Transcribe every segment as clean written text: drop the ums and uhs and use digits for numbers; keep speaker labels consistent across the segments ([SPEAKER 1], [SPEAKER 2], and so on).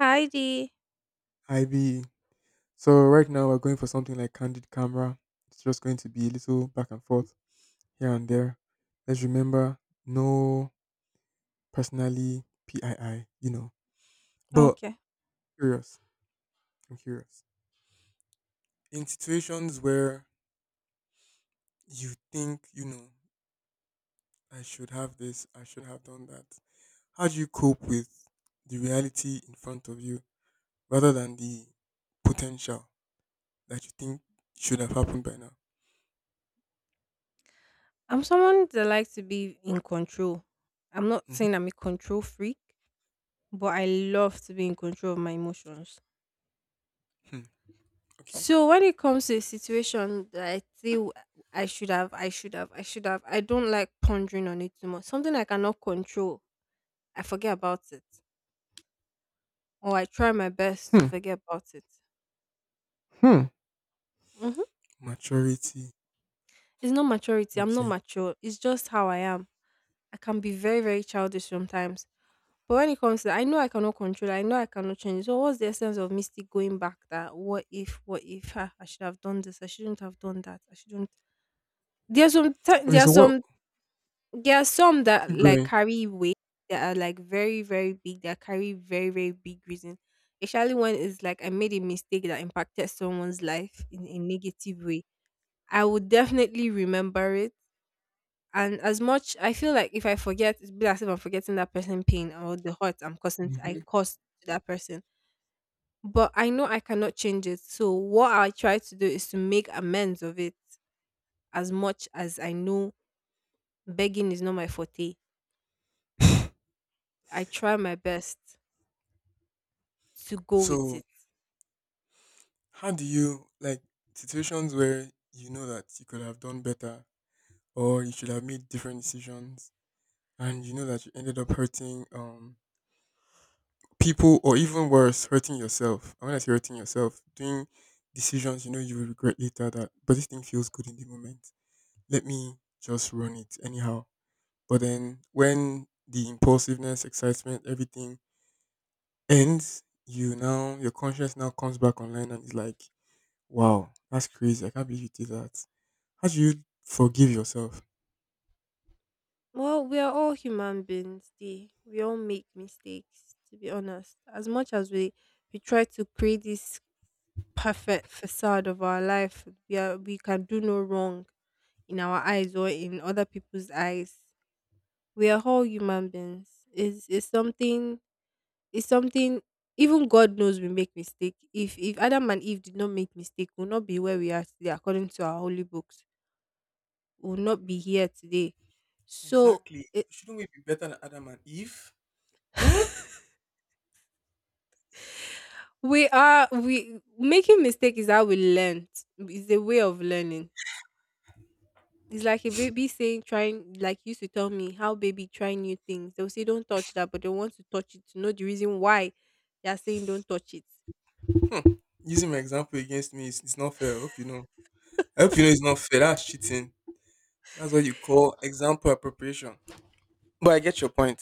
[SPEAKER 1] Heidi.
[SPEAKER 2] IB. So right now we're going for something like candid camera. It's just going to be a little back and forth here and there. Let's remember no personally PII, you know. But
[SPEAKER 1] Okay.
[SPEAKER 2] curious, I'm curious. In situations where you think, you know, I should have this, I should have done that. How do you cope with the reality in front of you rather than the potential that you think should have happened by now?
[SPEAKER 1] I'm someone that likes to be in control. I'm not
[SPEAKER 2] Mhm.
[SPEAKER 1] saying I'm a control freak, but I love to be in control of my emotions.
[SPEAKER 2] Hmm. Okay.
[SPEAKER 1] So when it comes to a situation that I feel I should have, I don't like pondering on it too much. Something I cannot control, I forget about it, or I try my best to
[SPEAKER 2] Hmm.
[SPEAKER 1] forget about it.
[SPEAKER 2] Hmm.
[SPEAKER 1] hmm
[SPEAKER 2] Maturity.
[SPEAKER 1] It's not maturity. I'm not
[SPEAKER 2] Okay.
[SPEAKER 1] mature. It's just how I am. I can be very, very childish sometimes. But when it comes to that, I know I cannot control it. I know I cannot change it. So what's the essence of me still going back that what if ah, I should have done this, I shouldn't have done that, I shouldn't there's some ti-
[SPEAKER 2] Okay, so what,
[SPEAKER 1] there are some that
[SPEAKER 2] keep
[SPEAKER 1] like
[SPEAKER 2] going.
[SPEAKER 1] carry weight that are like very, very big, that carry very, very big reason. Especially when it's like I made a mistake that impacted someone's life in a negative way. I would definitely remember it. And as much I feel like if I forget, it's be as if I'm forgetting that person pain or the hurt I
[SPEAKER 2] Mhm.
[SPEAKER 1] caused to that person. But I know I cannot change it. So what I try to do is to make amends of it as much as I know begging is not my forte. I try my best to go with
[SPEAKER 2] So
[SPEAKER 1] it.
[SPEAKER 2] how do you like situations where you know that you could have done better or you should have made different decisions and you know that you ended up hurting people or even worse, hurting yourself. I when I say hurting yourself, doing decisions you know you will regret later that but this thing feels good in the moment. Let me just run it anyhow. But then when the impulsiveness, excitement, everything ends, you now your conscience now comes back online and is like, "Wow, that's crazy! I can't believe you did that." How do you forgive yourself?
[SPEAKER 1] Well, we are all human beings. We all make mistakes, to be honest. As much as we try to create this perfect facade of our life, we can do no wrong in our eyes or in other people's eyes. We are all human beings. It's something even God knows we make mistake. If Adam and Eve did not make mistake, we'll not be where we are today according to our holy books. We'll not be here today. So
[SPEAKER 2] Exactly.
[SPEAKER 1] it,
[SPEAKER 2] Shouldn't we be better than Adam and Eve? Hmm?
[SPEAKER 1] we are we making mistake is how we learn. It's a way of learning. It's like a baby saying trying like used to tell me how baby try new things. They'll say don't touch that, but they want to touch it to know the reason why they are saying don't touch it.
[SPEAKER 2] Hmm. Using my example against me, it's not fair. I hope you know. I hope you know it's not fair. That's cheating. That's what you call example appropriation. But I get your point.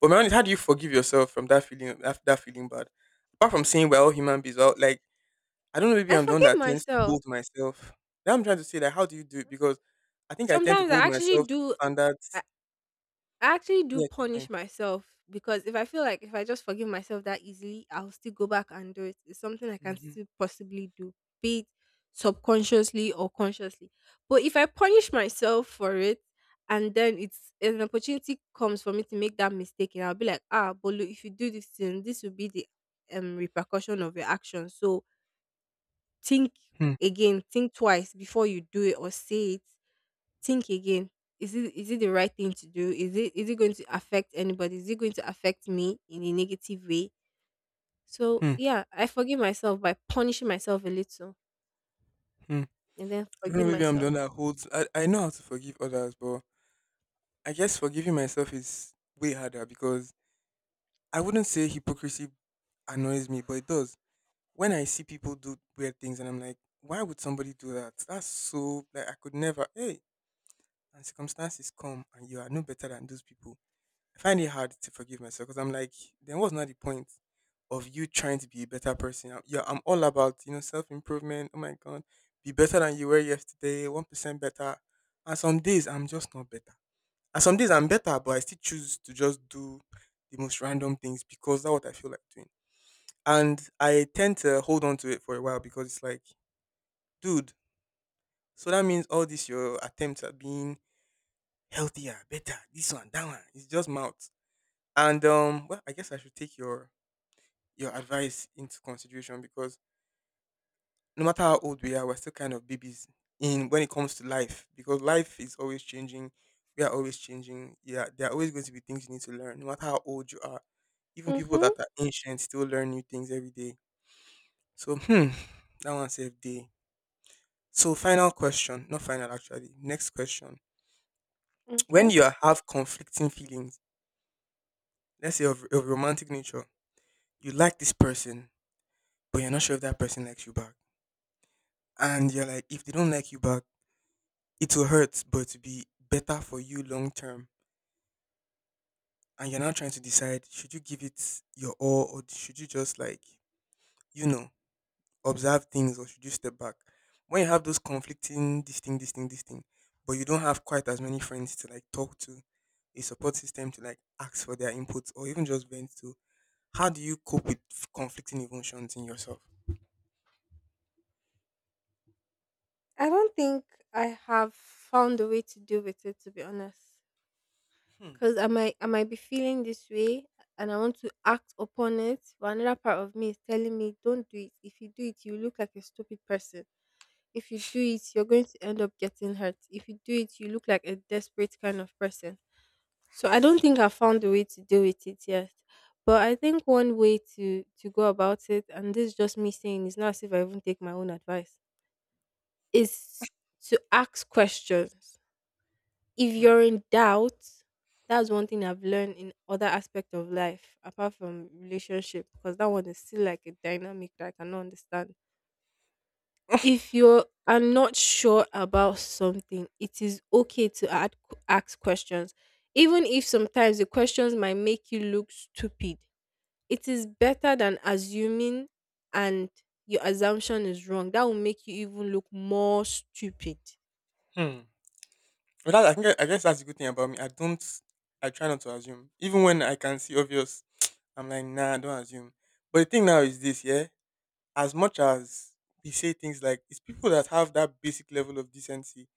[SPEAKER 2] But my own is, how do you forgive yourself from that feeling? That feeling bad. Apart from saying we're all human beings, we're all, like I don't know. Maybe
[SPEAKER 1] I
[SPEAKER 2] I'm the one
[SPEAKER 1] forgive
[SPEAKER 2] that tends to
[SPEAKER 1] myself.
[SPEAKER 2] hold myself. Now I'm trying to say that how do you do it? Because I think I tend to
[SPEAKER 1] Sometimes
[SPEAKER 2] hold
[SPEAKER 1] I actually
[SPEAKER 2] myself to
[SPEAKER 1] do. I
[SPEAKER 2] standards.
[SPEAKER 1] I actually do
[SPEAKER 2] Yeah, keep going.
[SPEAKER 1] punish myself because if I feel like if I just forgive myself that easily, I'll still go back and do it. It's something I can
[SPEAKER 2] Hmm.
[SPEAKER 1] still possibly do, be it subconsciously or consciously. But if I punish myself for it, and then it's an opportunity comes for me to make that mistake, and I'll be like, ah, but look, if you do this thing, this will be the repercussion of your action. So think
[SPEAKER 2] Hmm.
[SPEAKER 1] again, think twice before you do it or say it think again is it the right thing to do is it going to affect anybody is it going to affect me in a negative way so
[SPEAKER 2] Hmm.
[SPEAKER 1] yeah I forgive myself by punishing myself a little
[SPEAKER 2] Hmm.
[SPEAKER 1] and then
[SPEAKER 2] I don't know.
[SPEAKER 1] forgive
[SPEAKER 2] Maybe I'm the
[SPEAKER 1] myself.
[SPEAKER 2] one that holds. I know how to forgive others, but I guess forgiving myself is way harder because I wouldn't say hypocrisy annoys me, but it does. When I see people do weird things and I'm like, why would somebody do that? That's so like I could never. Hey, and circumstances come and you are no better than those people I find it hard to forgive myself because I'm like, then what's not the point of you trying to be a better person? I'm, yeah, I'm all about you know self improvement. Oh my god, be better than you were yesterday, 1% better. And some days I'm just not better. And some days I'm better, but I still choose to just do the most random things because that's what I feel like doing. And I tend to hold on to it for a while because it's like, dude, so that means all this your attempts at being healthier, better, this one, that one, it's just mouth. And well, I guess I should take your advice into consideration because no matter how old we are, we're still kind of babies in when it comes to life because life is always changing. We are always changing. Yeah, there are always going to be things you need to learn, no matter how old you are. Even people
[SPEAKER 1] Mm-hmm.
[SPEAKER 2] that are ancient still learn new things every day. So, hmm, that one saved day. So, final question, not final actually. Next question: when
[SPEAKER 1] Okay,
[SPEAKER 2] you have conflicting feelings, let's say of romantic nature, you like this person, but you're not sure if that person likes you back, and you're like, if they don't like you back it will hurt, but it'll be better for you long term. And you're now trying to decide should you give it your all or should you just like, you know, observe things or should you step back? When you have those conflicting this thing, this thing, this thing, but you don't have quite as many friends to like talk to, a support system to like ask for their input or even just vent to, how do you cope with conflicting emotions in yourself?
[SPEAKER 1] I don't think I have found a way to deal with it, to be honest,
[SPEAKER 2] Hmm,
[SPEAKER 1] because I might be feeling this way and I want to act upon it, but another part of me is telling me, don't do it. If you do it, you look like a stupid person. If you do it, you're going to end up getting hurt. If you do it, you look like a desperate kind of person. So I don't think I found a way to deal with it yet. But I think one way to go about it, and this is just me saying, it's not as if I even take my own advice, is to ask questions if
[SPEAKER 2] hmm,
[SPEAKER 1] you're in doubt. That's one thing I've learned in other aspect of life apart from relationship because that one is still like a dynamic that I cannot understand. If you are not sure about something, it is okay to ask questions. Even if sometimes the questions might make you look stupid, it is better than assuming and your assumption is wrong. That will make you even look more stupid.
[SPEAKER 2] hmm. But that, I think I guess that's the good thing about me. I don't. I try not to assume, even when I can see obvious. I'm like, nah, don't assume. But the thing now is this, yeah. As much as we say things like, it's people that have that basic level of decency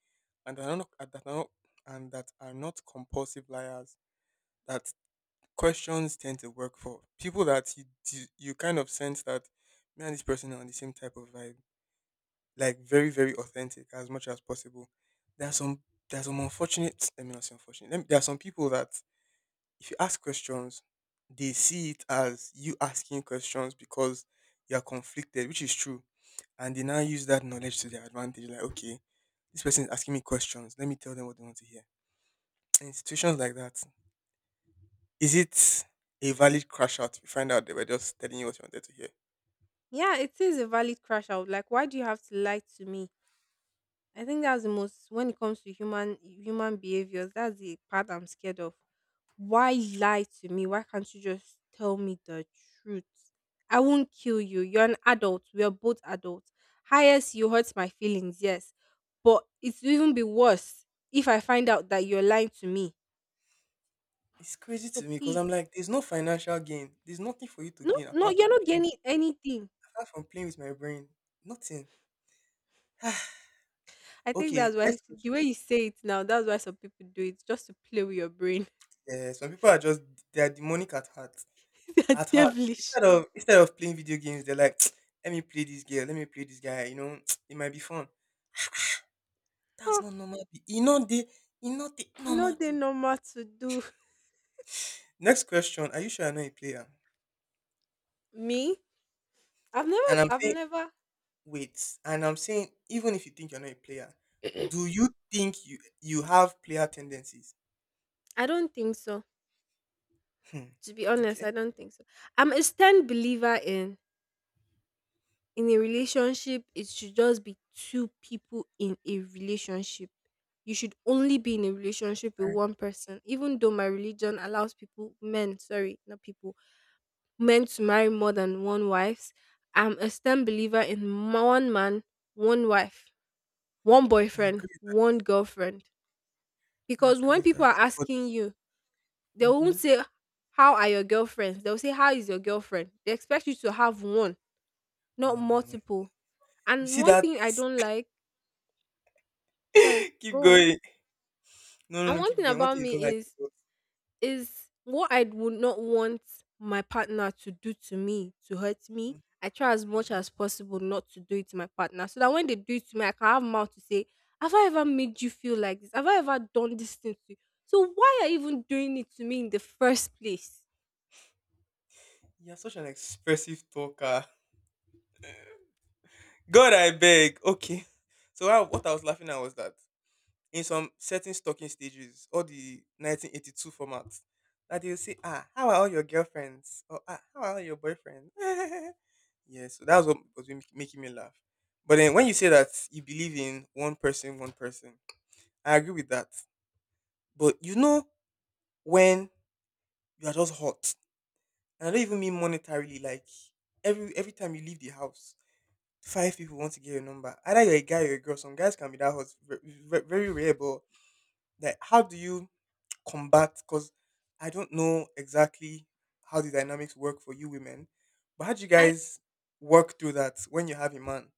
[SPEAKER 2] and that are not, and that are not, and that are not compulsive liars that questions tend to work for. People that you kind of sense that man, this person are on the same type of vibe like very very authentic as much as possible. There are some there are some unfortunate, let me not say unfortunate. Let me, there are some people that if you ask questions, they see it as you asking questions because you are conflicted, which is true, and they now use that knowledge to their advantage. Like okay, this person is asking me questions. Let me tell them what they want to hear. In situations like that, is it a valid crash out? You find out they were just telling you what you wanted to hear.
[SPEAKER 1] Yeah, it is a valid crash out. Like, why do you have to lie to me? I think that's the most when it comes to human behaviors, that's the part I'm scared of. Why lie to me? Why can't you just tell me the truth? I won't kill you. You're an adult. We are both adults. Highest you hurt my feelings, yes. But it's even be worse if I find out that you're lying to me.
[SPEAKER 2] It's crazy
[SPEAKER 1] So
[SPEAKER 2] to me because
[SPEAKER 1] please,
[SPEAKER 2] I'm like, there's no financial gain. There's nothing for you to gain
[SPEAKER 1] no,
[SPEAKER 2] apart
[SPEAKER 1] you're
[SPEAKER 2] from
[SPEAKER 1] not gaining anything.
[SPEAKER 2] apart from playing with my brain, nothing.
[SPEAKER 1] I think
[SPEAKER 2] Okay,
[SPEAKER 1] that's why,
[SPEAKER 2] next
[SPEAKER 1] the
[SPEAKER 2] question.
[SPEAKER 1] way you say it now, that's why some people do it just to play with your brain.
[SPEAKER 2] Yeah, some people are just they are demonic at heart.
[SPEAKER 1] They're
[SPEAKER 2] At heart.
[SPEAKER 1] devilish.
[SPEAKER 2] Instead of playing video games, they're like, let me play this girl, let me play this guy, you know, it might be fun. That's
[SPEAKER 1] Ah.
[SPEAKER 2] not normal. You know they you know the
[SPEAKER 1] E no
[SPEAKER 2] normal
[SPEAKER 1] dey
[SPEAKER 2] to
[SPEAKER 1] normal to do.
[SPEAKER 2] next question. Are you sure you're not a player?
[SPEAKER 1] Me?
[SPEAKER 2] And I'm
[SPEAKER 1] I've
[SPEAKER 2] saying
[SPEAKER 1] never.
[SPEAKER 2] wait. And I'm saying even if you think you're not a player, do you think you have player tendencies?
[SPEAKER 1] I don't think so.
[SPEAKER 2] Hmm.
[SPEAKER 1] To be honest,
[SPEAKER 2] Okay.
[SPEAKER 1] I don't think so. I'm a stand believer in a relationship it should just be two people in a relationship. You should only be in a relationship with
[SPEAKER 2] I,
[SPEAKER 1] one person. Even though my religion allows people men, sorry, not people, men to marry more than one wives, I'm a stand believer in one man, one wife, one
[SPEAKER 2] I
[SPEAKER 1] boyfriend,
[SPEAKER 2] agree with
[SPEAKER 1] one girlfriend.
[SPEAKER 2] that. I
[SPEAKER 1] Because
[SPEAKER 2] agree
[SPEAKER 1] when
[SPEAKER 2] with
[SPEAKER 1] people
[SPEAKER 2] that.
[SPEAKER 1] are
[SPEAKER 2] But
[SPEAKER 1] asking you, they
[SPEAKER 2] mm-hmm.
[SPEAKER 1] won't say, "How are your girlfriends?" They'll say, "How is your girlfriend?" They expect you to have one, not
[SPEAKER 2] No, no, no.
[SPEAKER 1] multiple.
[SPEAKER 2] You
[SPEAKER 1] And
[SPEAKER 2] see
[SPEAKER 1] one
[SPEAKER 2] that?
[SPEAKER 1] thing I don't like, sorry,
[SPEAKER 2] keep
[SPEAKER 1] go on.
[SPEAKER 2] going. No, no,
[SPEAKER 1] And
[SPEAKER 2] no,
[SPEAKER 1] one
[SPEAKER 2] keep
[SPEAKER 1] thing
[SPEAKER 2] going. What
[SPEAKER 1] about
[SPEAKER 2] is it
[SPEAKER 1] me
[SPEAKER 2] like? Is
[SPEAKER 1] is
[SPEAKER 2] what-
[SPEAKER 1] is what I would not want my partner to do to me, to hurt me.
[SPEAKER 2] Mm,
[SPEAKER 1] I try as much
[SPEAKER 2] mhm.
[SPEAKER 1] as possible not to do it to my partner, so that when they do it to me, I can have mouth to say, "Have I ever made you feel like this? Have I ever done this thing to you? So why are you even doing it to me in the first place?"
[SPEAKER 2] You're such an expressive talker. God, I beg. Okay. So I, what I was laughing at was that in some certain stalking stages, all the 1982 formats, that they'll say, ah, how are all your girlfriends? Or ah, how are all your boyfriends? yeah, so that was what was making me laugh. But then when you say that you believe in one person, I agree with that. But you know when you are just hot. And I don't even mean monetarily, like every time you leave the house, five people want to get your number. Either you're a guy or a girl. Some guys can be that hot, very rare, but like how do you combat because I don't know exactly how the dynamics work for you women, but how do you
[SPEAKER 1] I
[SPEAKER 2] guys work through that when you have a man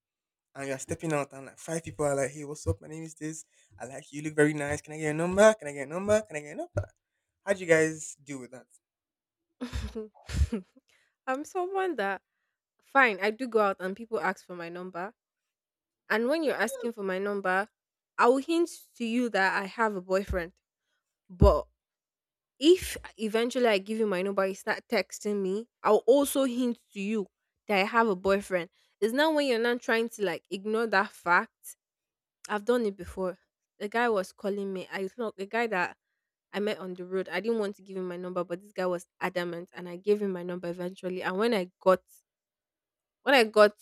[SPEAKER 2] and you're stepping out and like five people are like, hey, what's up? My name is this. I like you look very nice. Can I get your number? Can I get your number? Can I get your number? How do you guys deal with that?
[SPEAKER 1] I'm someone that fine, I do go out and people ask for my number. And when you're asking for my number, I will hint to you that I have a boyfriend. But if eventually I give you my number, you start texting me, I'll also hint to you that I have a boyfriend. It's not when you're not trying to like ignore that fact. I've done it before. The guy was calling me. I thought the guy that I met on the road. I didn't want to give him my number, but this guy was adamant and I gave him my number eventually. And when I got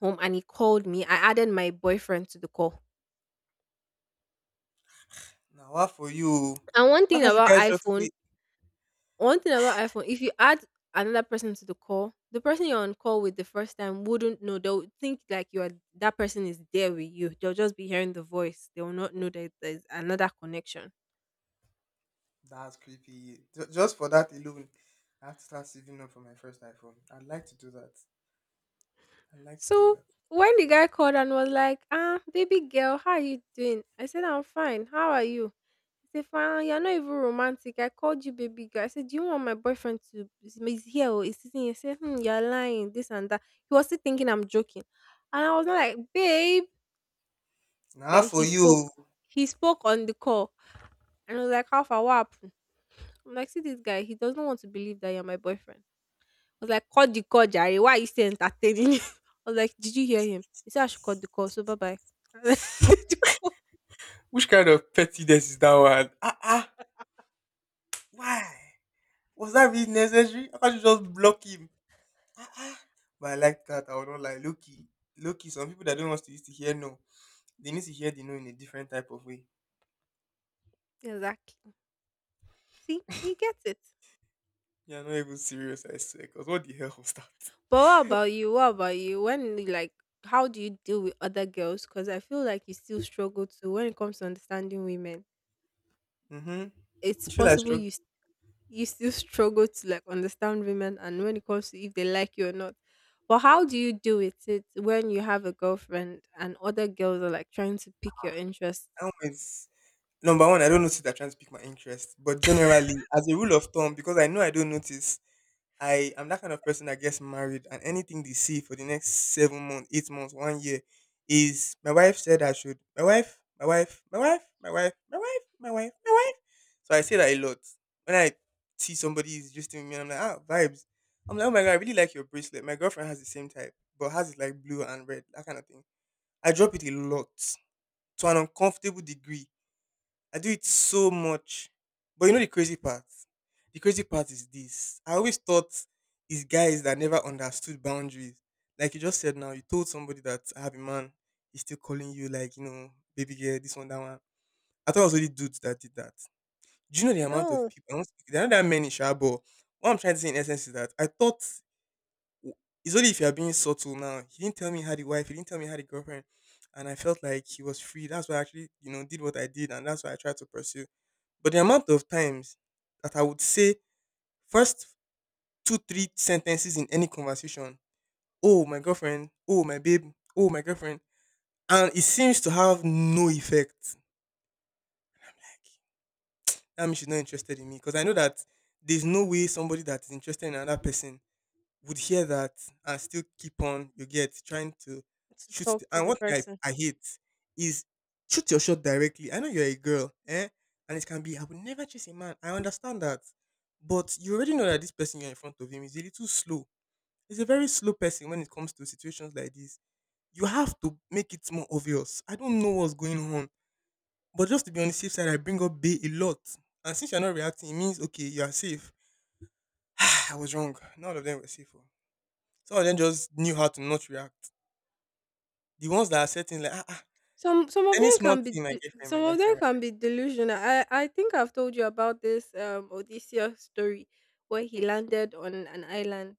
[SPEAKER 1] home and he called me, I added my boyfriend to the call.
[SPEAKER 2] Now what for you?
[SPEAKER 1] And one
[SPEAKER 2] Why
[SPEAKER 1] thing
[SPEAKER 2] can't you
[SPEAKER 1] about
[SPEAKER 2] guys just
[SPEAKER 1] iPhone,
[SPEAKER 2] say
[SPEAKER 1] if you add another person to the call, the person you're on call with the first time wouldn't know. They'll think like you are that person is there with you. They'll just be hearing the voice. They will not know that there's another connection.
[SPEAKER 2] that's creepy. Just for that alone, I have to start saving up for my first iPhone. I'd like to do that. I'd like to do
[SPEAKER 1] So
[SPEAKER 2] that.
[SPEAKER 1] when the guy called and was like, "Ah, baby girl, how are you doing?" I said, "I'm fine. How are you?" He said, "Fine. You're not even romantic. I called you baby girl." I said, "Do you want my boyfriend to is here or is sitting here?" He said, "Hmm, you're lying. This and that." He was still thinking I'm joking, and I was not like, "Babe."
[SPEAKER 2] Now
[SPEAKER 1] Then
[SPEAKER 2] for
[SPEAKER 1] he
[SPEAKER 2] you,
[SPEAKER 1] spoke. He spoke on the call, and I was like, "How far? What happened?" I'm like, "See this guy. He doesn't want to believe that you're my boyfriend." Was like, "Cut the call Jerry. Why are you still entertaining me?" I was like, "Did you hear him? He said I should cut the call, so bye-bye." Did you call.
[SPEAKER 2] which kind of pettiness is that one? Ah ah, why? Was that really necessary? I can't you just block him. But I like that. I would not like Loki. Loki. Some people that don't want to used to hear no, they need to hear the no in a different type of way.
[SPEAKER 1] Exactly. See, you get it.
[SPEAKER 2] You're not even serious, I swear. Cause what the hell was that?
[SPEAKER 1] But what about you? What about you? When you like, how do you deal with other girls? Because I feel like you still struggle to when it comes to understanding women.
[SPEAKER 2] Mm-hmm.
[SPEAKER 1] It's
[SPEAKER 2] You feel like
[SPEAKER 1] possible you s- You still struggle to like understand women and when it comes to if they like you or not. But how do you when you have a girlfriend and other girls are like trying to pick your interest?
[SPEAKER 2] struck. Number one, I don't notice that trying to pick my interest. But generally, as a rule of thumb, because I know I don't notice, I am that kind of person that gets married and anything they see for the next 7 months, 8 months, one year is my wife said I should. My wife, my wife, my wife, my wife, my wife, my wife, my wife. So I say that a lot. When I see somebody is just with me and I'm like, ah, vibes. I'm like, oh my god, I really like your bracelet. My girlfriend has the same type, but hers is like blue and red, that kind of thing. I drop it a lot to an uncomfortable degree I do it so much. But you know the crazy part? The crazy part is this. I always thought it's guys that never understood boundaries. Like you just said now, you told somebody that I have a man, he's still calling you like, you know, baby girl, this one, that one. I thought it was only dudes that did that. Do you know the amount of
[SPEAKER 1] No.
[SPEAKER 2] people? I don't speak, there are not that many, sha, but what I'm trying to say in essence is that I thought w- it's only if you're being subtle now. He didn't tell me he had a wife, he didn't tell me he had a girlfriend. And I felt like he was free. That's why I actually, did what I did. And that's why I tried to pursue. But the amount of times that I would say first two, three sentences in any conversation, oh my girlfriend, oh my babe, oh my girlfriend, and it seems to have no effect. Like, that means she's not interested in me. Because I know that there's no way somebody that is interested in another person would hear that and still keep on, you get, trying to
[SPEAKER 1] To
[SPEAKER 2] shoot.
[SPEAKER 1] talk to
[SPEAKER 2] And
[SPEAKER 1] the
[SPEAKER 2] one thing
[SPEAKER 1] person.
[SPEAKER 2] I hate is shoot your shot directly. I know you're a girl, eh? And it can be, I would never chase a man. I understand that. But you already know that this person you're in front of him is a little slow. He's a very slow person when it comes to situations like this. You have to make it more obvious. I don't know what's going on. But just to be on the safe side, I bring up Bay a lot. And since you're not reacting, it means, okay, you are safe. I was wrong. None of them were safe. Oh. Some of them just knew how to not react. The ones that are certain, like, ah, ah,
[SPEAKER 1] Some of
[SPEAKER 2] any
[SPEAKER 1] them
[SPEAKER 2] small
[SPEAKER 1] can be
[SPEAKER 2] thing, my girlfriend, my
[SPEAKER 1] some of them
[SPEAKER 2] girlfriend, my
[SPEAKER 1] can
[SPEAKER 2] girlfriend.
[SPEAKER 1] be delusional. I think I've told you about this Odysseus story where he landed on an island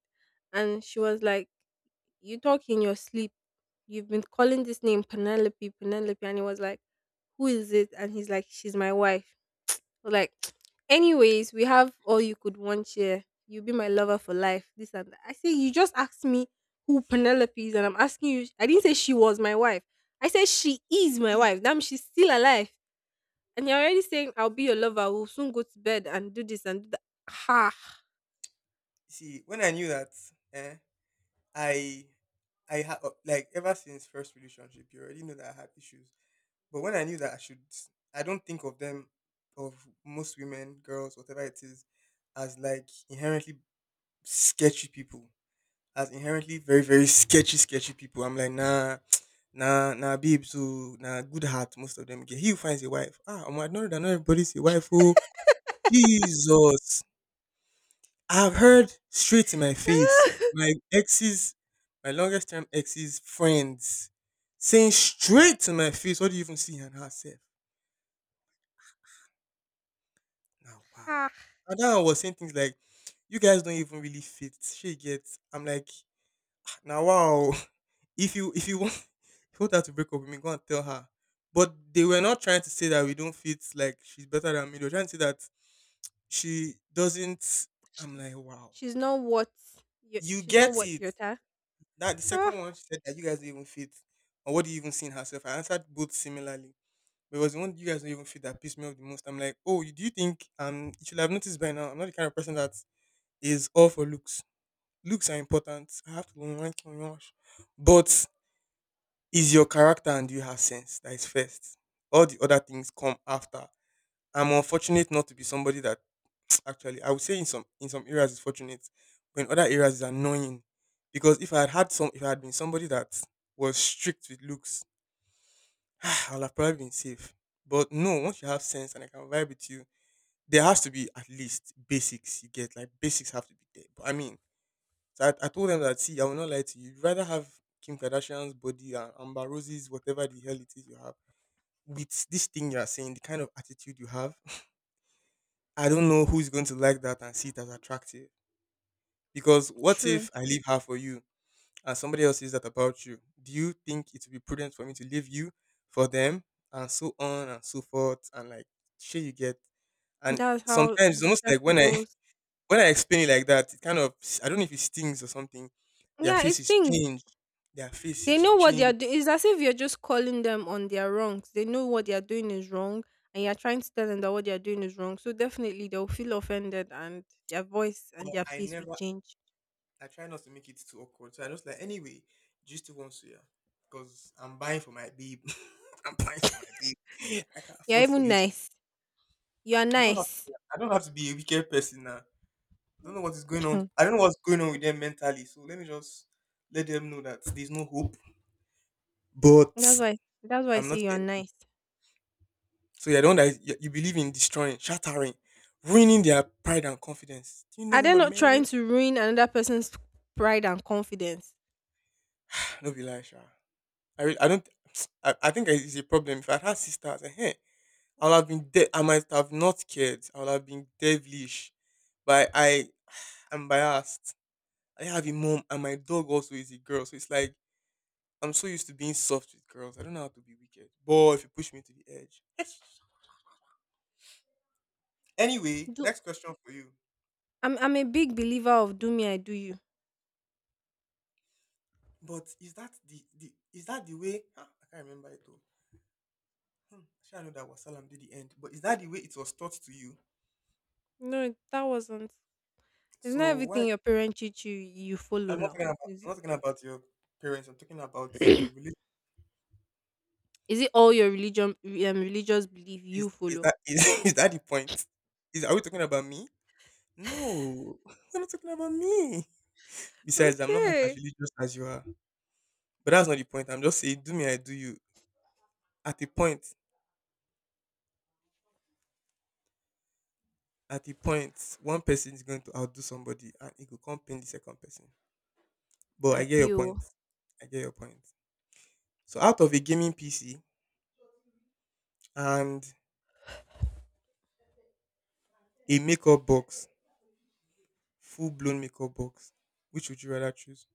[SPEAKER 1] and she was like, "You talk in your sleep. You've been calling this name Penelope, Penelope," and he was like, "Who is it?" And he's like, "She's my wife." But like, anyways, we have all you could want here. You'll be my lover for life. This and that. I say you just asked me who Penelope is, and I'm asking you. I didn't say she was my wife. I said she is my wife. Damn, she's still alive. And you're already saying I'll be your lover. We'll soon go to bed and do this and do that. Ha
[SPEAKER 2] See, when I knew that, eh, I, I had, like, ever since first relationship, you already know that I had issues. But when I knew that I should, I don't think of them, of most women, girls, whatever it is, as like inherently sketchy people, as inherently very, very sketchy, sketchy people. I'm like, nah, nah, nah, babe, so, nah, good heart, most of them get. He who finds a wife. Ah, I'm not, that not everybody's a wife, oh. Jesus. I've heard straight in my face my ex's, my longest term ex's friends saying straight to my face, "What do you even see in herself?" Now, wow.
[SPEAKER 1] ha.
[SPEAKER 2] And then I was saying things like, "You guys don't even really fit." She gets. I'm like, now wow. If you want if you want her to break up with me, go and tell her. But they were not trying to say that we don't fit. Like she's better than me. They were trying to say that she doesn't. I'm like, wow.
[SPEAKER 1] She's not what. You,
[SPEAKER 2] You
[SPEAKER 1] she's not
[SPEAKER 2] get
[SPEAKER 1] what
[SPEAKER 2] it.
[SPEAKER 1] you're.
[SPEAKER 2] That the second
[SPEAKER 1] Ah,
[SPEAKER 2] one, she said that you guys don't even fit, or what do you even see in herself? I answered both similarly. But it was the one you guys don't even fit that pissed me off the most. I'm like, oh, you- do you think you should have noticed by now? I'm not the kind of person that is all for looks. Looks are important. I have to rank on wash. But is your character and do you have sense? That is first. All the other things come after. I'm unfortunate not to be somebody that actually, I would say in some areas it's fortunate, but in other areas it's annoying. Because if I had had some, if I had been somebody that was strict with looks, I'll have probably been safe. But no, once you have sense and I can vibe with you, there has to be at least basics you get. Like basics have to be there. But I mean, so I told them that see, I will not lie to you. You'd rather have Kim Kardashian's body and Amber Rose's whatever the hell it is you have with this thing you are saying, the kind of attitude you have. I don't know who's going to like that and see it as attractive. Because what
[SPEAKER 1] true.
[SPEAKER 2] if I leave her for you and somebody else says that about you? Do you think it would be prudent for me to leave you for them and so on and so forth and like shit you get? And
[SPEAKER 1] That's how
[SPEAKER 2] sometimes it's
[SPEAKER 1] the
[SPEAKER 2] almost like
[SPEAKER 1] circle
[SPEAKER 2] when I
[SPEAKER 1] goes.
[SPEAKER 2] when I explain it like that, it kind of I don't know if it stings or something. Their
[SPEAKER 1] Yeah,
[SPEAKER 2] face
[SPEAKER 1] it's
[SPEAKER 2] is
[SPEAKER 1] things.
[SPEAKER 2] changed. Their face
[SPEAKER 1] They
[SPEAKER 2] is
[SPEAKER 1] know what they are
[SPEAKER 2] changed.
[SPEAKER 1] doing. It's as if you're just calling them on their wrongs. They know what they are doing is wrong, and you're trying to tell them that what they are doing is wrong. So definitely they'll feel offended, and their voice
[SPEAKER 2] But
[SPEAKER 1] and their
[SPEAKER 2] I
[SPEAKER 1] face will
[SPEAKER 2] never
[SPEAKER 1] change.
[SPEAKER 2] I try not to make it too awkward. So I just like anyway, do you still want to yeah? Because I'm buying for my babe. I'm buying for my babe. I can't
[SPEAKER 1] You're
[SPEAKER 2] afford for
[SPEAKER 1] even
[SPEAKER 2] you.
[SPEAKER 1] nice. You are nice.
[SPEAKER 2] I don't have to be a wicked person now. I don't know what is going on. I don't know what's going on with them mentally. So let me just let them know that there's no hope.
[SPEAKER 1] That's
[SPEAKER 2] But
[SPEAKER 1] why. That's why I
[SPEAKER 2] I'm not
[SPEAKER 1] say you
[SPEAKER 2] your
[SPEAKER 1] are
[SPEAKER 2] enemy.
[SPEAKER 1] nice.
[SPEAKER 2] So you're the one that is- you believe in destroying, shattering, ruining their pride and confidence. Do you know
[SPEAKER 1] Are
[SPEAKER 2] who
[SPEAKER 1] they
[SPEAKER 2] my
[SPEAKER 1] not
[SPEAKER 2] man is?
[SPEAKER 1] trying to ruin another person's pride and confidence?
[SPEAKER 2] No be lie, sha. I really, I don't I think it's a problem. If I had sisters, eh, I'll have been dead. I might have not cared. I'll have been devilish. But I am biased. I have a mom and my dog also is a girl. So it's like I'm so used to being soft with girls. I don't know how to be wicked. Boy, if you push me to the edge. Anyway,
[SPEAKER 1] Do
[SPEAKER 2] next question for you.
[SPEAKER 1] I'm a big believer of do me I do you.
[SPEAKER 2] But is that the is that the way? Ah, I can't remember it though. Hmm, actually, I know that wasalam salam did the end. But is that the way it was taught to you?
[SPEAKER 1] No, that wasn't. It's not
[SPEAKER 2] So why?
[SPEAKER 1] everything your parents teach you you follow
[SPEAKER 2] I'm not
[SPEAKER 1] now.
[SPEAKER 2] talking about. I'm
[SPEAKER 1] Is
[SPEAKER 2] not talking about your parents. I'm talking about your
[SPEAKER 1] it,
[SPEAKER 2] religion.
[SPEAKER 1] is it all your religion religious belief you
[SPEAKER 2] Is
[SPEAKER 1] follow?
[SPEAKER 2] that is that the point? Is are we talking about me? No, we're not talking about me. Besides, I'm not half as
[SPEAKER 1] Okay.
[SPEAKER 2] religious as you are. But that's not the point. I'm just saying, do me, I do you. At the point, at a point one person is going to outdo somebody and it could come pain the second person. But I get your point.
[SPEAKER 1] Appeal.
[SPEAKER 2] I get your point. So out of a gaming PC and a makeup box, full blown makeup box, which would you rather choose?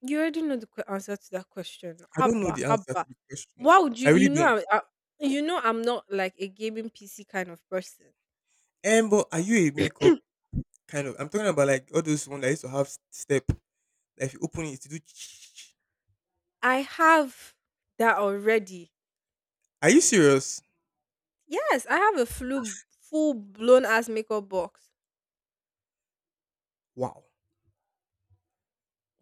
[SPEAKER 1] You already know the answer to that question.
[SPEAKER 2] I don't know
[SPEAKER 1] Haba,
[SPEAKER 2] the answer
[SPEAKER 1] haba.
[SPEAKER 2] to the question.
[SPEAKER 1] Why would
[SPEAKER 2] I
[SPEAKER 1] you?
[SPEAKER 2] really
[SPEAKER 1] You
[SPEAKER 2] don't.
[SPEAKER 1] know, you know, I'm not like a gaming PC kind of person.
[SPEAKER 2] But are you a makeup kind of? I'm talking about like all those ones that used to have step. That if you open it, you do.
[SPEAKER 1] I have that already.
[SPEAKER 2] Are you serious?
[SPEAKER 1] Yes, I have a full blown ass makeup box.
[SPEAKER 2] Wow.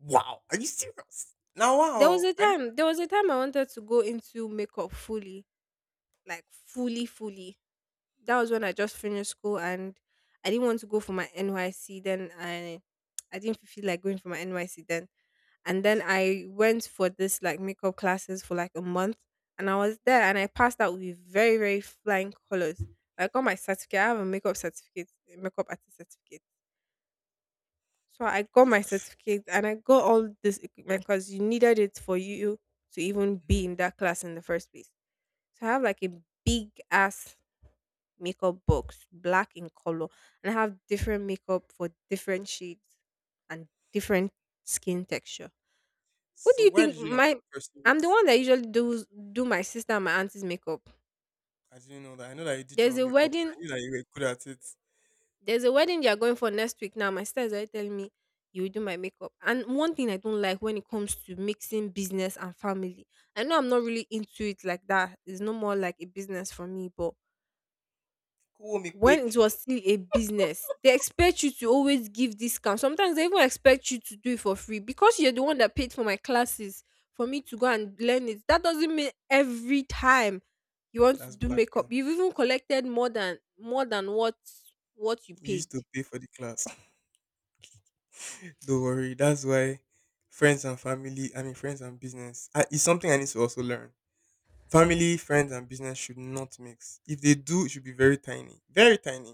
[SPEAKER 2] Wow. Are you serious? Now, wow. I know.
[SPEAKER 1] There was a time I wanted to go into makeup fully, like fully, fully. That was when I just finished school and I didn't want to go for my NYC. I didn't feel like going for my NYC then. And then I went for this like makeup classes for like a month, and I was there and I passed out with very, very flying colors. I got my certificate. I have a makeup certificate, a makeup artist certificate. So I got my certificate and I got all this equipment because you needed it for you to even be
[SPEAKER 2] Mhm.
[SPEAKER 1] in that class in the first place. So I have like a big ass makeup box, black in color, and I have different makeup for different shades and different skin texture. What do
[SPEAKER 2] So
[SPEAKER 1] you
[SPEAKER 2] why
[SPEAKER 1] think
[SPEAKER 2] did you not
[SPEAKER 1] my
[SPEAKER 2] pursue
[SPEAKER 1] I'm the
[SPEAKER 2] it?
[SPEAKER 1] one that usually do my sister and my auntie's makeup.
[SPEAKER 2] I didn't know that. I know that you did your
[SPEAKER 1] There's
[SPEAKER 2] own
[SPEAKER 1] a
[SPEAKER 2] makeup.
[SPEAKER 1] wedding
[SPEAKER 2] I knew that you were good at it.
[SPEAKER 1] there's a wedding they are going for next week now. My sister is already telling me you will do my makeup. And one thing I don't like when it comes to mixing business and family. I know I'm not really into it like that. It's no more like a business for me, but
[SPEAKER 2] Cool, me
[SPEAKER 1] when
[SPEAKER 2] quick.
[SPEAKER 1] it was still a business, they expect you to always give discounts. Sometimes they even expect you to do it for free because you're the one that paid for my classes for me to go and learn it. That doesn't mean every time you want to
[SPEAKER 2] That's
[SPEAKER 1] do makeup,
[SPEAKER 2] blackmail.
[SPEAKER 1] you've even collected more than what you
[SPEAKER 2] You
[SPEAKER 1] paid.
[SPEAKER 2] used to pay for the class. Don't worry. That's why friends and family, I mean, friends and business, I, it's something I need to also learn. Family, friends, and business should not mix. If they do, it should be very tiny. Very tiny.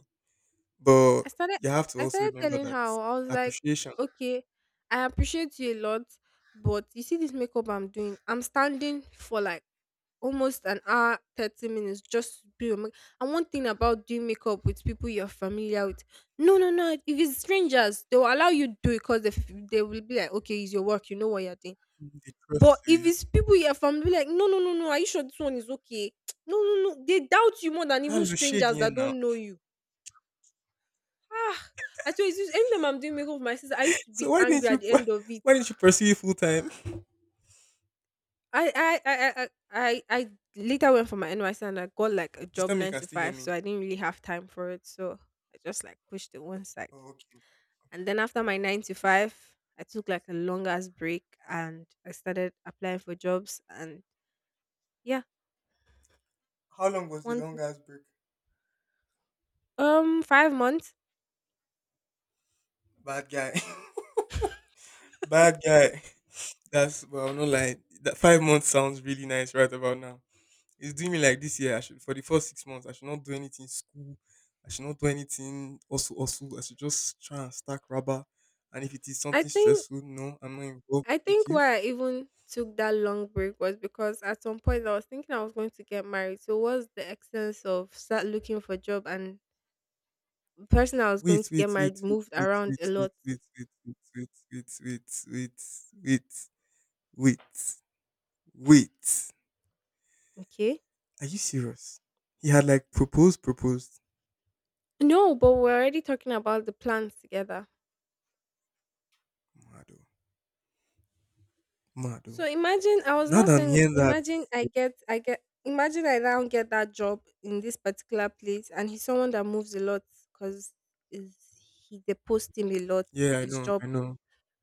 [SPEAKER 2] But
[SPEAKER 1] I started
[SPEAKER 2] you have to
[SPEAKER 1] I
[SPEAKER 2] also
[SPEAKER 1] started
[SPEAKER 2] remember
[SPEAKER 1] telling
[SPEAKER 2] that
[SPEAKER 1] her. I was like,
[SPEAKER 2] appreciation,
[SPEAKER 1] okay, I appreciate you a lot, but you see this makeup I'm doing, I'm standing for like almost an hour, 30 minutes just to do your makeup. And one thing about doing makeup with people you're familiar with, no, no, no. If it's strangers, they'll allow you to do it because they will be like, okay, it's your work, you know what you're doing.
[SPEAKER 2] they
[SPEAKER 1] But
[SPEAKER 2] trust
[SPEAKER 1] if
[SPEAKER 2] you.
[SPEAKER 1] it's people you're familiar, like, no, no, no, no, are you sure this one is okay? No, no, no. They doubt you more than
[SPEAKER 2] Now,
[SPEAKER 1] even
[SPEAKER 2] look shady
[SPEAKER 1] strangers
[SPEAKER 2] here
[SPEAKER 1] that
[SPEAKER 2] now.
[SPEAKER 1] don't know you. Ah, I tell you, it's just anytime I'm doing makeup with my sister, I used to
[SPEAKER 2] So
[SPEAKER 1] be
[SPEAKER 2] why didn't
[SPEAKER 1] angry
[SPEAKER 2] you,
[SPEAKER 1] at the end of
[SPEAKER 2] why
[SPEAKER 1] it.
[SPEAKER 2] didn't you pursue it full time?
[SPEAKER 1] I later went for my NYC and I got like a
[SPEAKER 2] Please
[SPEAKER 1] job
[SPEAKER 2] tell me you
[SPEAKER 1] nine
[SPEAKER 2] can
[SPEAKER 1] to
[SPEAKER 2] still hear
[SPEAKER 1] five,
[SPEAKER 2] me.
[SPEAKER 1] so I didn't really have time for it. So I just like pushed it one side.
[SPEAKER 2] Oh, okay.
[SPEAKER 1] And then after my nine to five, I took like a long ass break and I started applying for jobs and yeah,
[SPEAKER 2] How long was the
[SPEAKER 1] one to-
[SPEAKER 2] longest break?
[SPEAKER 1] 5 months.
[SPEAKER 2] Bad guy. Bad guy. That's well, I'm not lying. That 5 months sounds really nice right about now. It's doing me like this year. I should for the first 6 months. I should not do anything school. I should not do anything also. I should just try and stack rubber. And if it is
[SPEAKER 1] I
[SPEAKER 2] something
[SPEAKER 1] think
[SPEAKER 2] stressful, no, I'm not involved.
[SPEAKER 1] I
[SPEAKER 2] Thank
[SPEAKER 1] think
[SPEAKER 2] you.
[SPEAKER 1] why I even took that long break was because at some point I was thinking I was going to get married. So what's the essence of start looking for job, and the person I was going
[SPEAKER 2] Wait,
[SPEAKER 1] to
[SPEAKER 2] wait,
[SPEAKER 1] get
[SPEAKER 2] wait,
[SPEAKER 1] married
[SPEAKER 2] wait,
[SPEAKER 1] moved
[SPEAKER 2] wait,
[SPEAKER 1] around
[SPEAKER 2] wait,
[SPEAKER 1] a
[SPEAKER 2] wait,
[SPEAKER 1] lot.
[SPEAKER 2] wait, wait, wait, wait, wait, wait, wait, wait, wait.
[SPEAKER 1] Okay.
[SPEAKER 2] Are you serious? He had like proposed, proposed.
[SPEAKER 1] No, but we're already talking about the plans together.
[SPEAKER 2] Mado.
[SPEAKER 1] So
[SPEAKER 2] Mado.
[SPEAKER 1] imagine I was
[SPEAKER 2] Now
[SPEAKER 1] not
[SPEAKER 2] that I'm
[SPEAKER 1] saying
[SPEAKER 2] hearing that,
[SPEAKER 1] imagine I get imagine I now get that job in this particular place and he's someone that moves a lot because is he they post him a lot,
[SPEAKER 2] yeah, I
[SPEAKER 1] his
[SPEAKER 2] know,
[SPEAKER 1] job.
[SPEAKER 2] I know.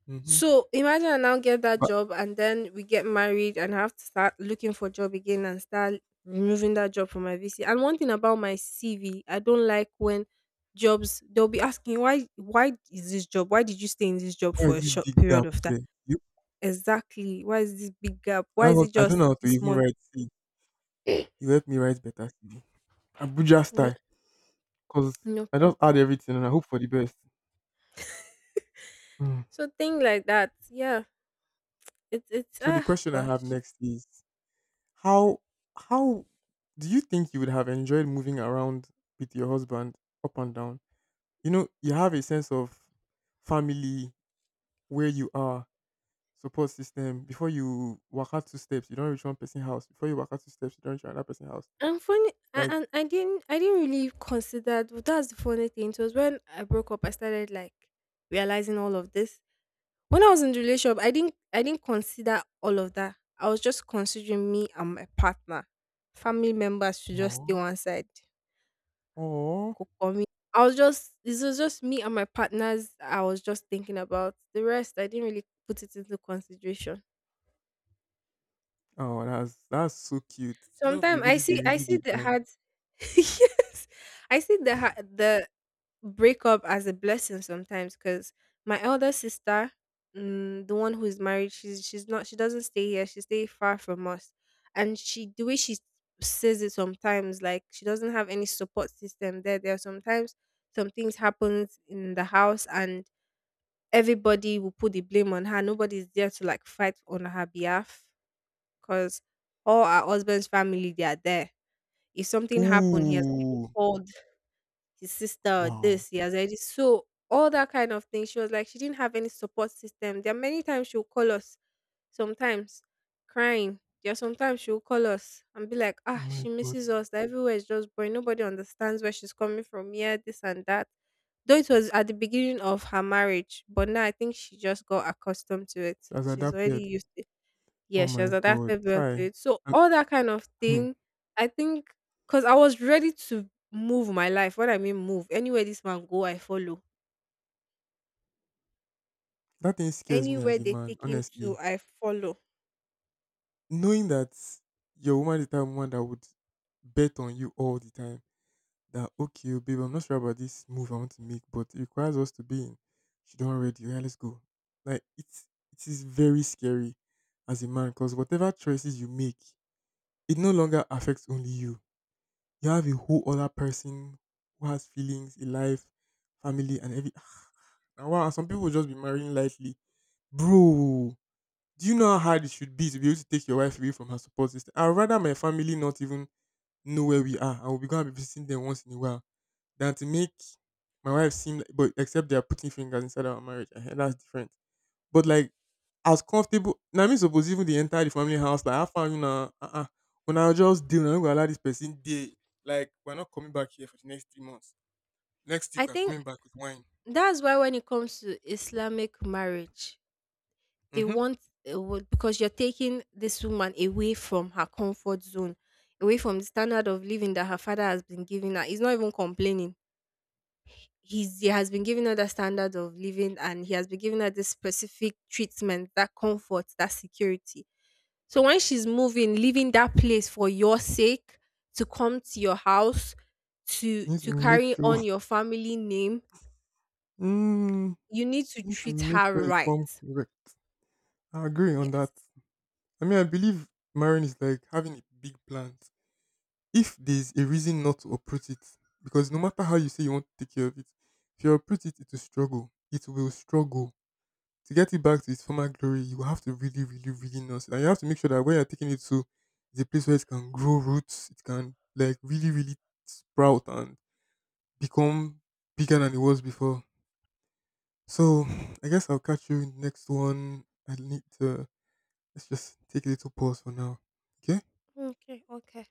[SPEAKER 2] Hmm.
[SPEAKER 1] So imagine I now get that
[SPEAKER 2] But
[SPEAKER 1] job and then we get married and I have to start looking for job again and start removing that job from my VC. And one thing about my CV, I don't like when jobs they'll be asking why is this job? Why did you stay in this job
[SPEAKER 2] why
[SPEAKER 1] for a
[SPEAKER 2] is it
[SPEAKER 1] short
[SPEAKER 2] big
[SPEAKER 1] period
[SPEAKER 2] gap
[SPEAKER 1] of time?
[SPEAKER 2] there? You,
[SPEAKER 1] Exactly. Why is this big gap? Why is it
[SPEAKER 2] I don't
[SPEAKER 1] just
[SPEAKER 2] know how to
[SPEAKER 1] this
[SPEAKER 2] even
[SPEAKER 1] month?
[SPEAKER 2] write C. V. You help me write better CV. Abuja
[SPEAKER 1] No,
[SPEAKER 2] style, because
[SPEAKER 1] no
[SPEAKER 2] I just add
[SPEAKER 1] problem.
[SPEAKER 2] everything and I hope for the best. Mm.
[SPEAKER 1] So thing like that, yeah. It's
[SPEAKER 2] So the
[SPEAKER 1] ah
[SPEAKER 2] question I have
[SPEAKER 1] gosh.
[SPEAKER 2] next is how how do you think you would have enjoyed moving around with your husband up and down? You know, you have a sense of family where you are support system. Before you walk out two steps, you don't reach one person's house. Before you walk out two steps, you don't reach another person's house.
[SPEAKER 1] And funny, a-
[SPEAKER 2] Like,
[SPEAKER 1] and I didn't really consider. That's the funny thing. It was when I broke up, I started like realizing all of this. When I was in the relationship, I didn't consider all of that. I was just considering me and my partner. Family members should just stay
[SPEAKER 2] oh,
[SPEAKER 1] one side.
[SPEAKER 2] oh,
[SPEAKER 1] Kokomi. I was just, this was just me and my partners. I was just thinking about the rest. I didn't really put it into consideration.
[SPEAKER 2] oh, that's so cute. Love the
[SPEAKER 1] Sometimes
[SPEAKER 2] really the
[SPEAKER 1] I
[SPEAKER 2] really
[SPEAKER 1] see
[SPEAKER 2] the
[SPEAKER 1] the
[SPEAKER 2] blind.
[SPEAKER 1] hard, yes, I see the breakup as a blessing sometimes because my elder sister, mm, the one who is married, she doesn't stay here. She stay far from us, and she the way she says it sometimes like she doesn't have any support system there. There are sometimes some things happens in the house and everybody will put the blame on her. Nobody's there to like fight on her behalf because all our husband's family they are there. If something happened, he has already
[SPEAKER 2] Ooh,
[SPEAKER 1] called his sister or
[SPEAKER 2] wow.
[SPEAKER 1] this, he has already. So all that kind of thing. She was like, she didn't have any support system. There are many times she'll call us, sometimes crying. Yeah, sometimes she'll call us and be like,
[SPEAKER 2] Oh
[SPEAKER 1] ah,
[SPEAKER 2] my
[SPEAKER 1] she
[SPEAKER 2] god,
[SPEAKER 1] misses us. That everywhere is just boring. Nobody understands where she's coming from here, this and that. Though it was at the beginning of her marriage, but now I think she just got accustomed to it.
[SPEAKER 2] she has
[SPEAKER 1] She's already
[SPEAKER 2] adapted.
[SPEAKER 1] used yeah,
[SPEAKER 2] Oh
[SPEAKER 1] she was
[SPEAKER 2] my
[SPEAKER 1] at that
[SPEAKER 2] god,
[SPEAKER 1] third
[SPEAKER 2] try.
[SPEAKER 1] birthday. So all that kind of
[SPEAKER 2] And
[SPEAKER 1] thing, I think, because I was ready to move my life. What I mean, move anywhere this man go, I follow.
[SPEAKER 2] that thing scares me as
[SPEAKER 1] Anywhere
[SPEAKER 2] a
[SPEAKER 1] they
[SPEAKER 2] man,
[SPEAKER 1] take him
[SPEAKER 2] honestly.
[SPEAKER 1] to, I follow.
[SPEAKER 2] Knowing that your woman is the type of woman that would bet on you all the time. That okay, oh, babe, I'm not sure about this move I want to make, but it requires us to be in. She don't already. Yeah, let's go. Like it's it is very scary as a man because whatever choices you make, it no longer affects only you. You have a whole other person who has feelings, a life, family, and every. And wow, some people will just be marrying lightly, bro. Do you know how hard it should be to be able to take your wife away from her support system? I'd rather my family not even know where we are. I will be going to be visiting them once in a while than to make my wife seem like, but except they are putting fingers inside our marriage. Eh, that's different. But like, as comfortable, now me suppose even the entire the family house, like, I found you know, uh-uh. When I just deal, I'm going to allow this person, they, like, we're not coming back here for the next 3 months. Next
[SPEAKER 1] I
[SPEAKER 2] week, we're
[SPEAKER 1] think
[SPEAKER 2] coming back with wine.
[SPEAKER 1] that's why when it comes to Islamic marriage, they
[SPEAKER 2] Mm-hmm. You
[SPEAKER 1] want because you're taking this woman away from her comfort zone, away from the standard of living that her father has been giving her. He's not even complaining, he has been giving her that standard of living and he has been giving her this specific treatment, that comfort, that security. So when she's moving, leaving that place for your sake to come to your house to
[SPEAKER 2] need to make
[SPEAKER 1] carry
[SPEAKER 2] sure,
[SPEAKER 1] on your family name,
[SPEAKER 2] mm,
[SPEAKER 1] you need to
[SPEAKER 2] you need to
[SPEAKER 1] treat
[SPEAKER 2] make
[SPEAKER 1] her
[SPEAKER 2] sure you come
[SPEAKER 1] right.
[SPEAKER 2] correct. I agree on that.
[SPEAKER 1] Yes.
[SPEAKER 2] I mean, I believe marrying is like having a big plans. If there's a reason not to uproot it, because no matter how you say you want to take care of it, if you uproot it, it will struggle. It will struggle. To get it back to its former glory, you will have to really, really, really nurse it. And you have to make sure that where you're taking it to is a place where it can grow roots, it can like really, really sprout and become bigger than it was before. So I guess I'll catch you in the next one. I need to let's just take a little pause for now. Okay?
[SPEAKER 1] Okay, okay.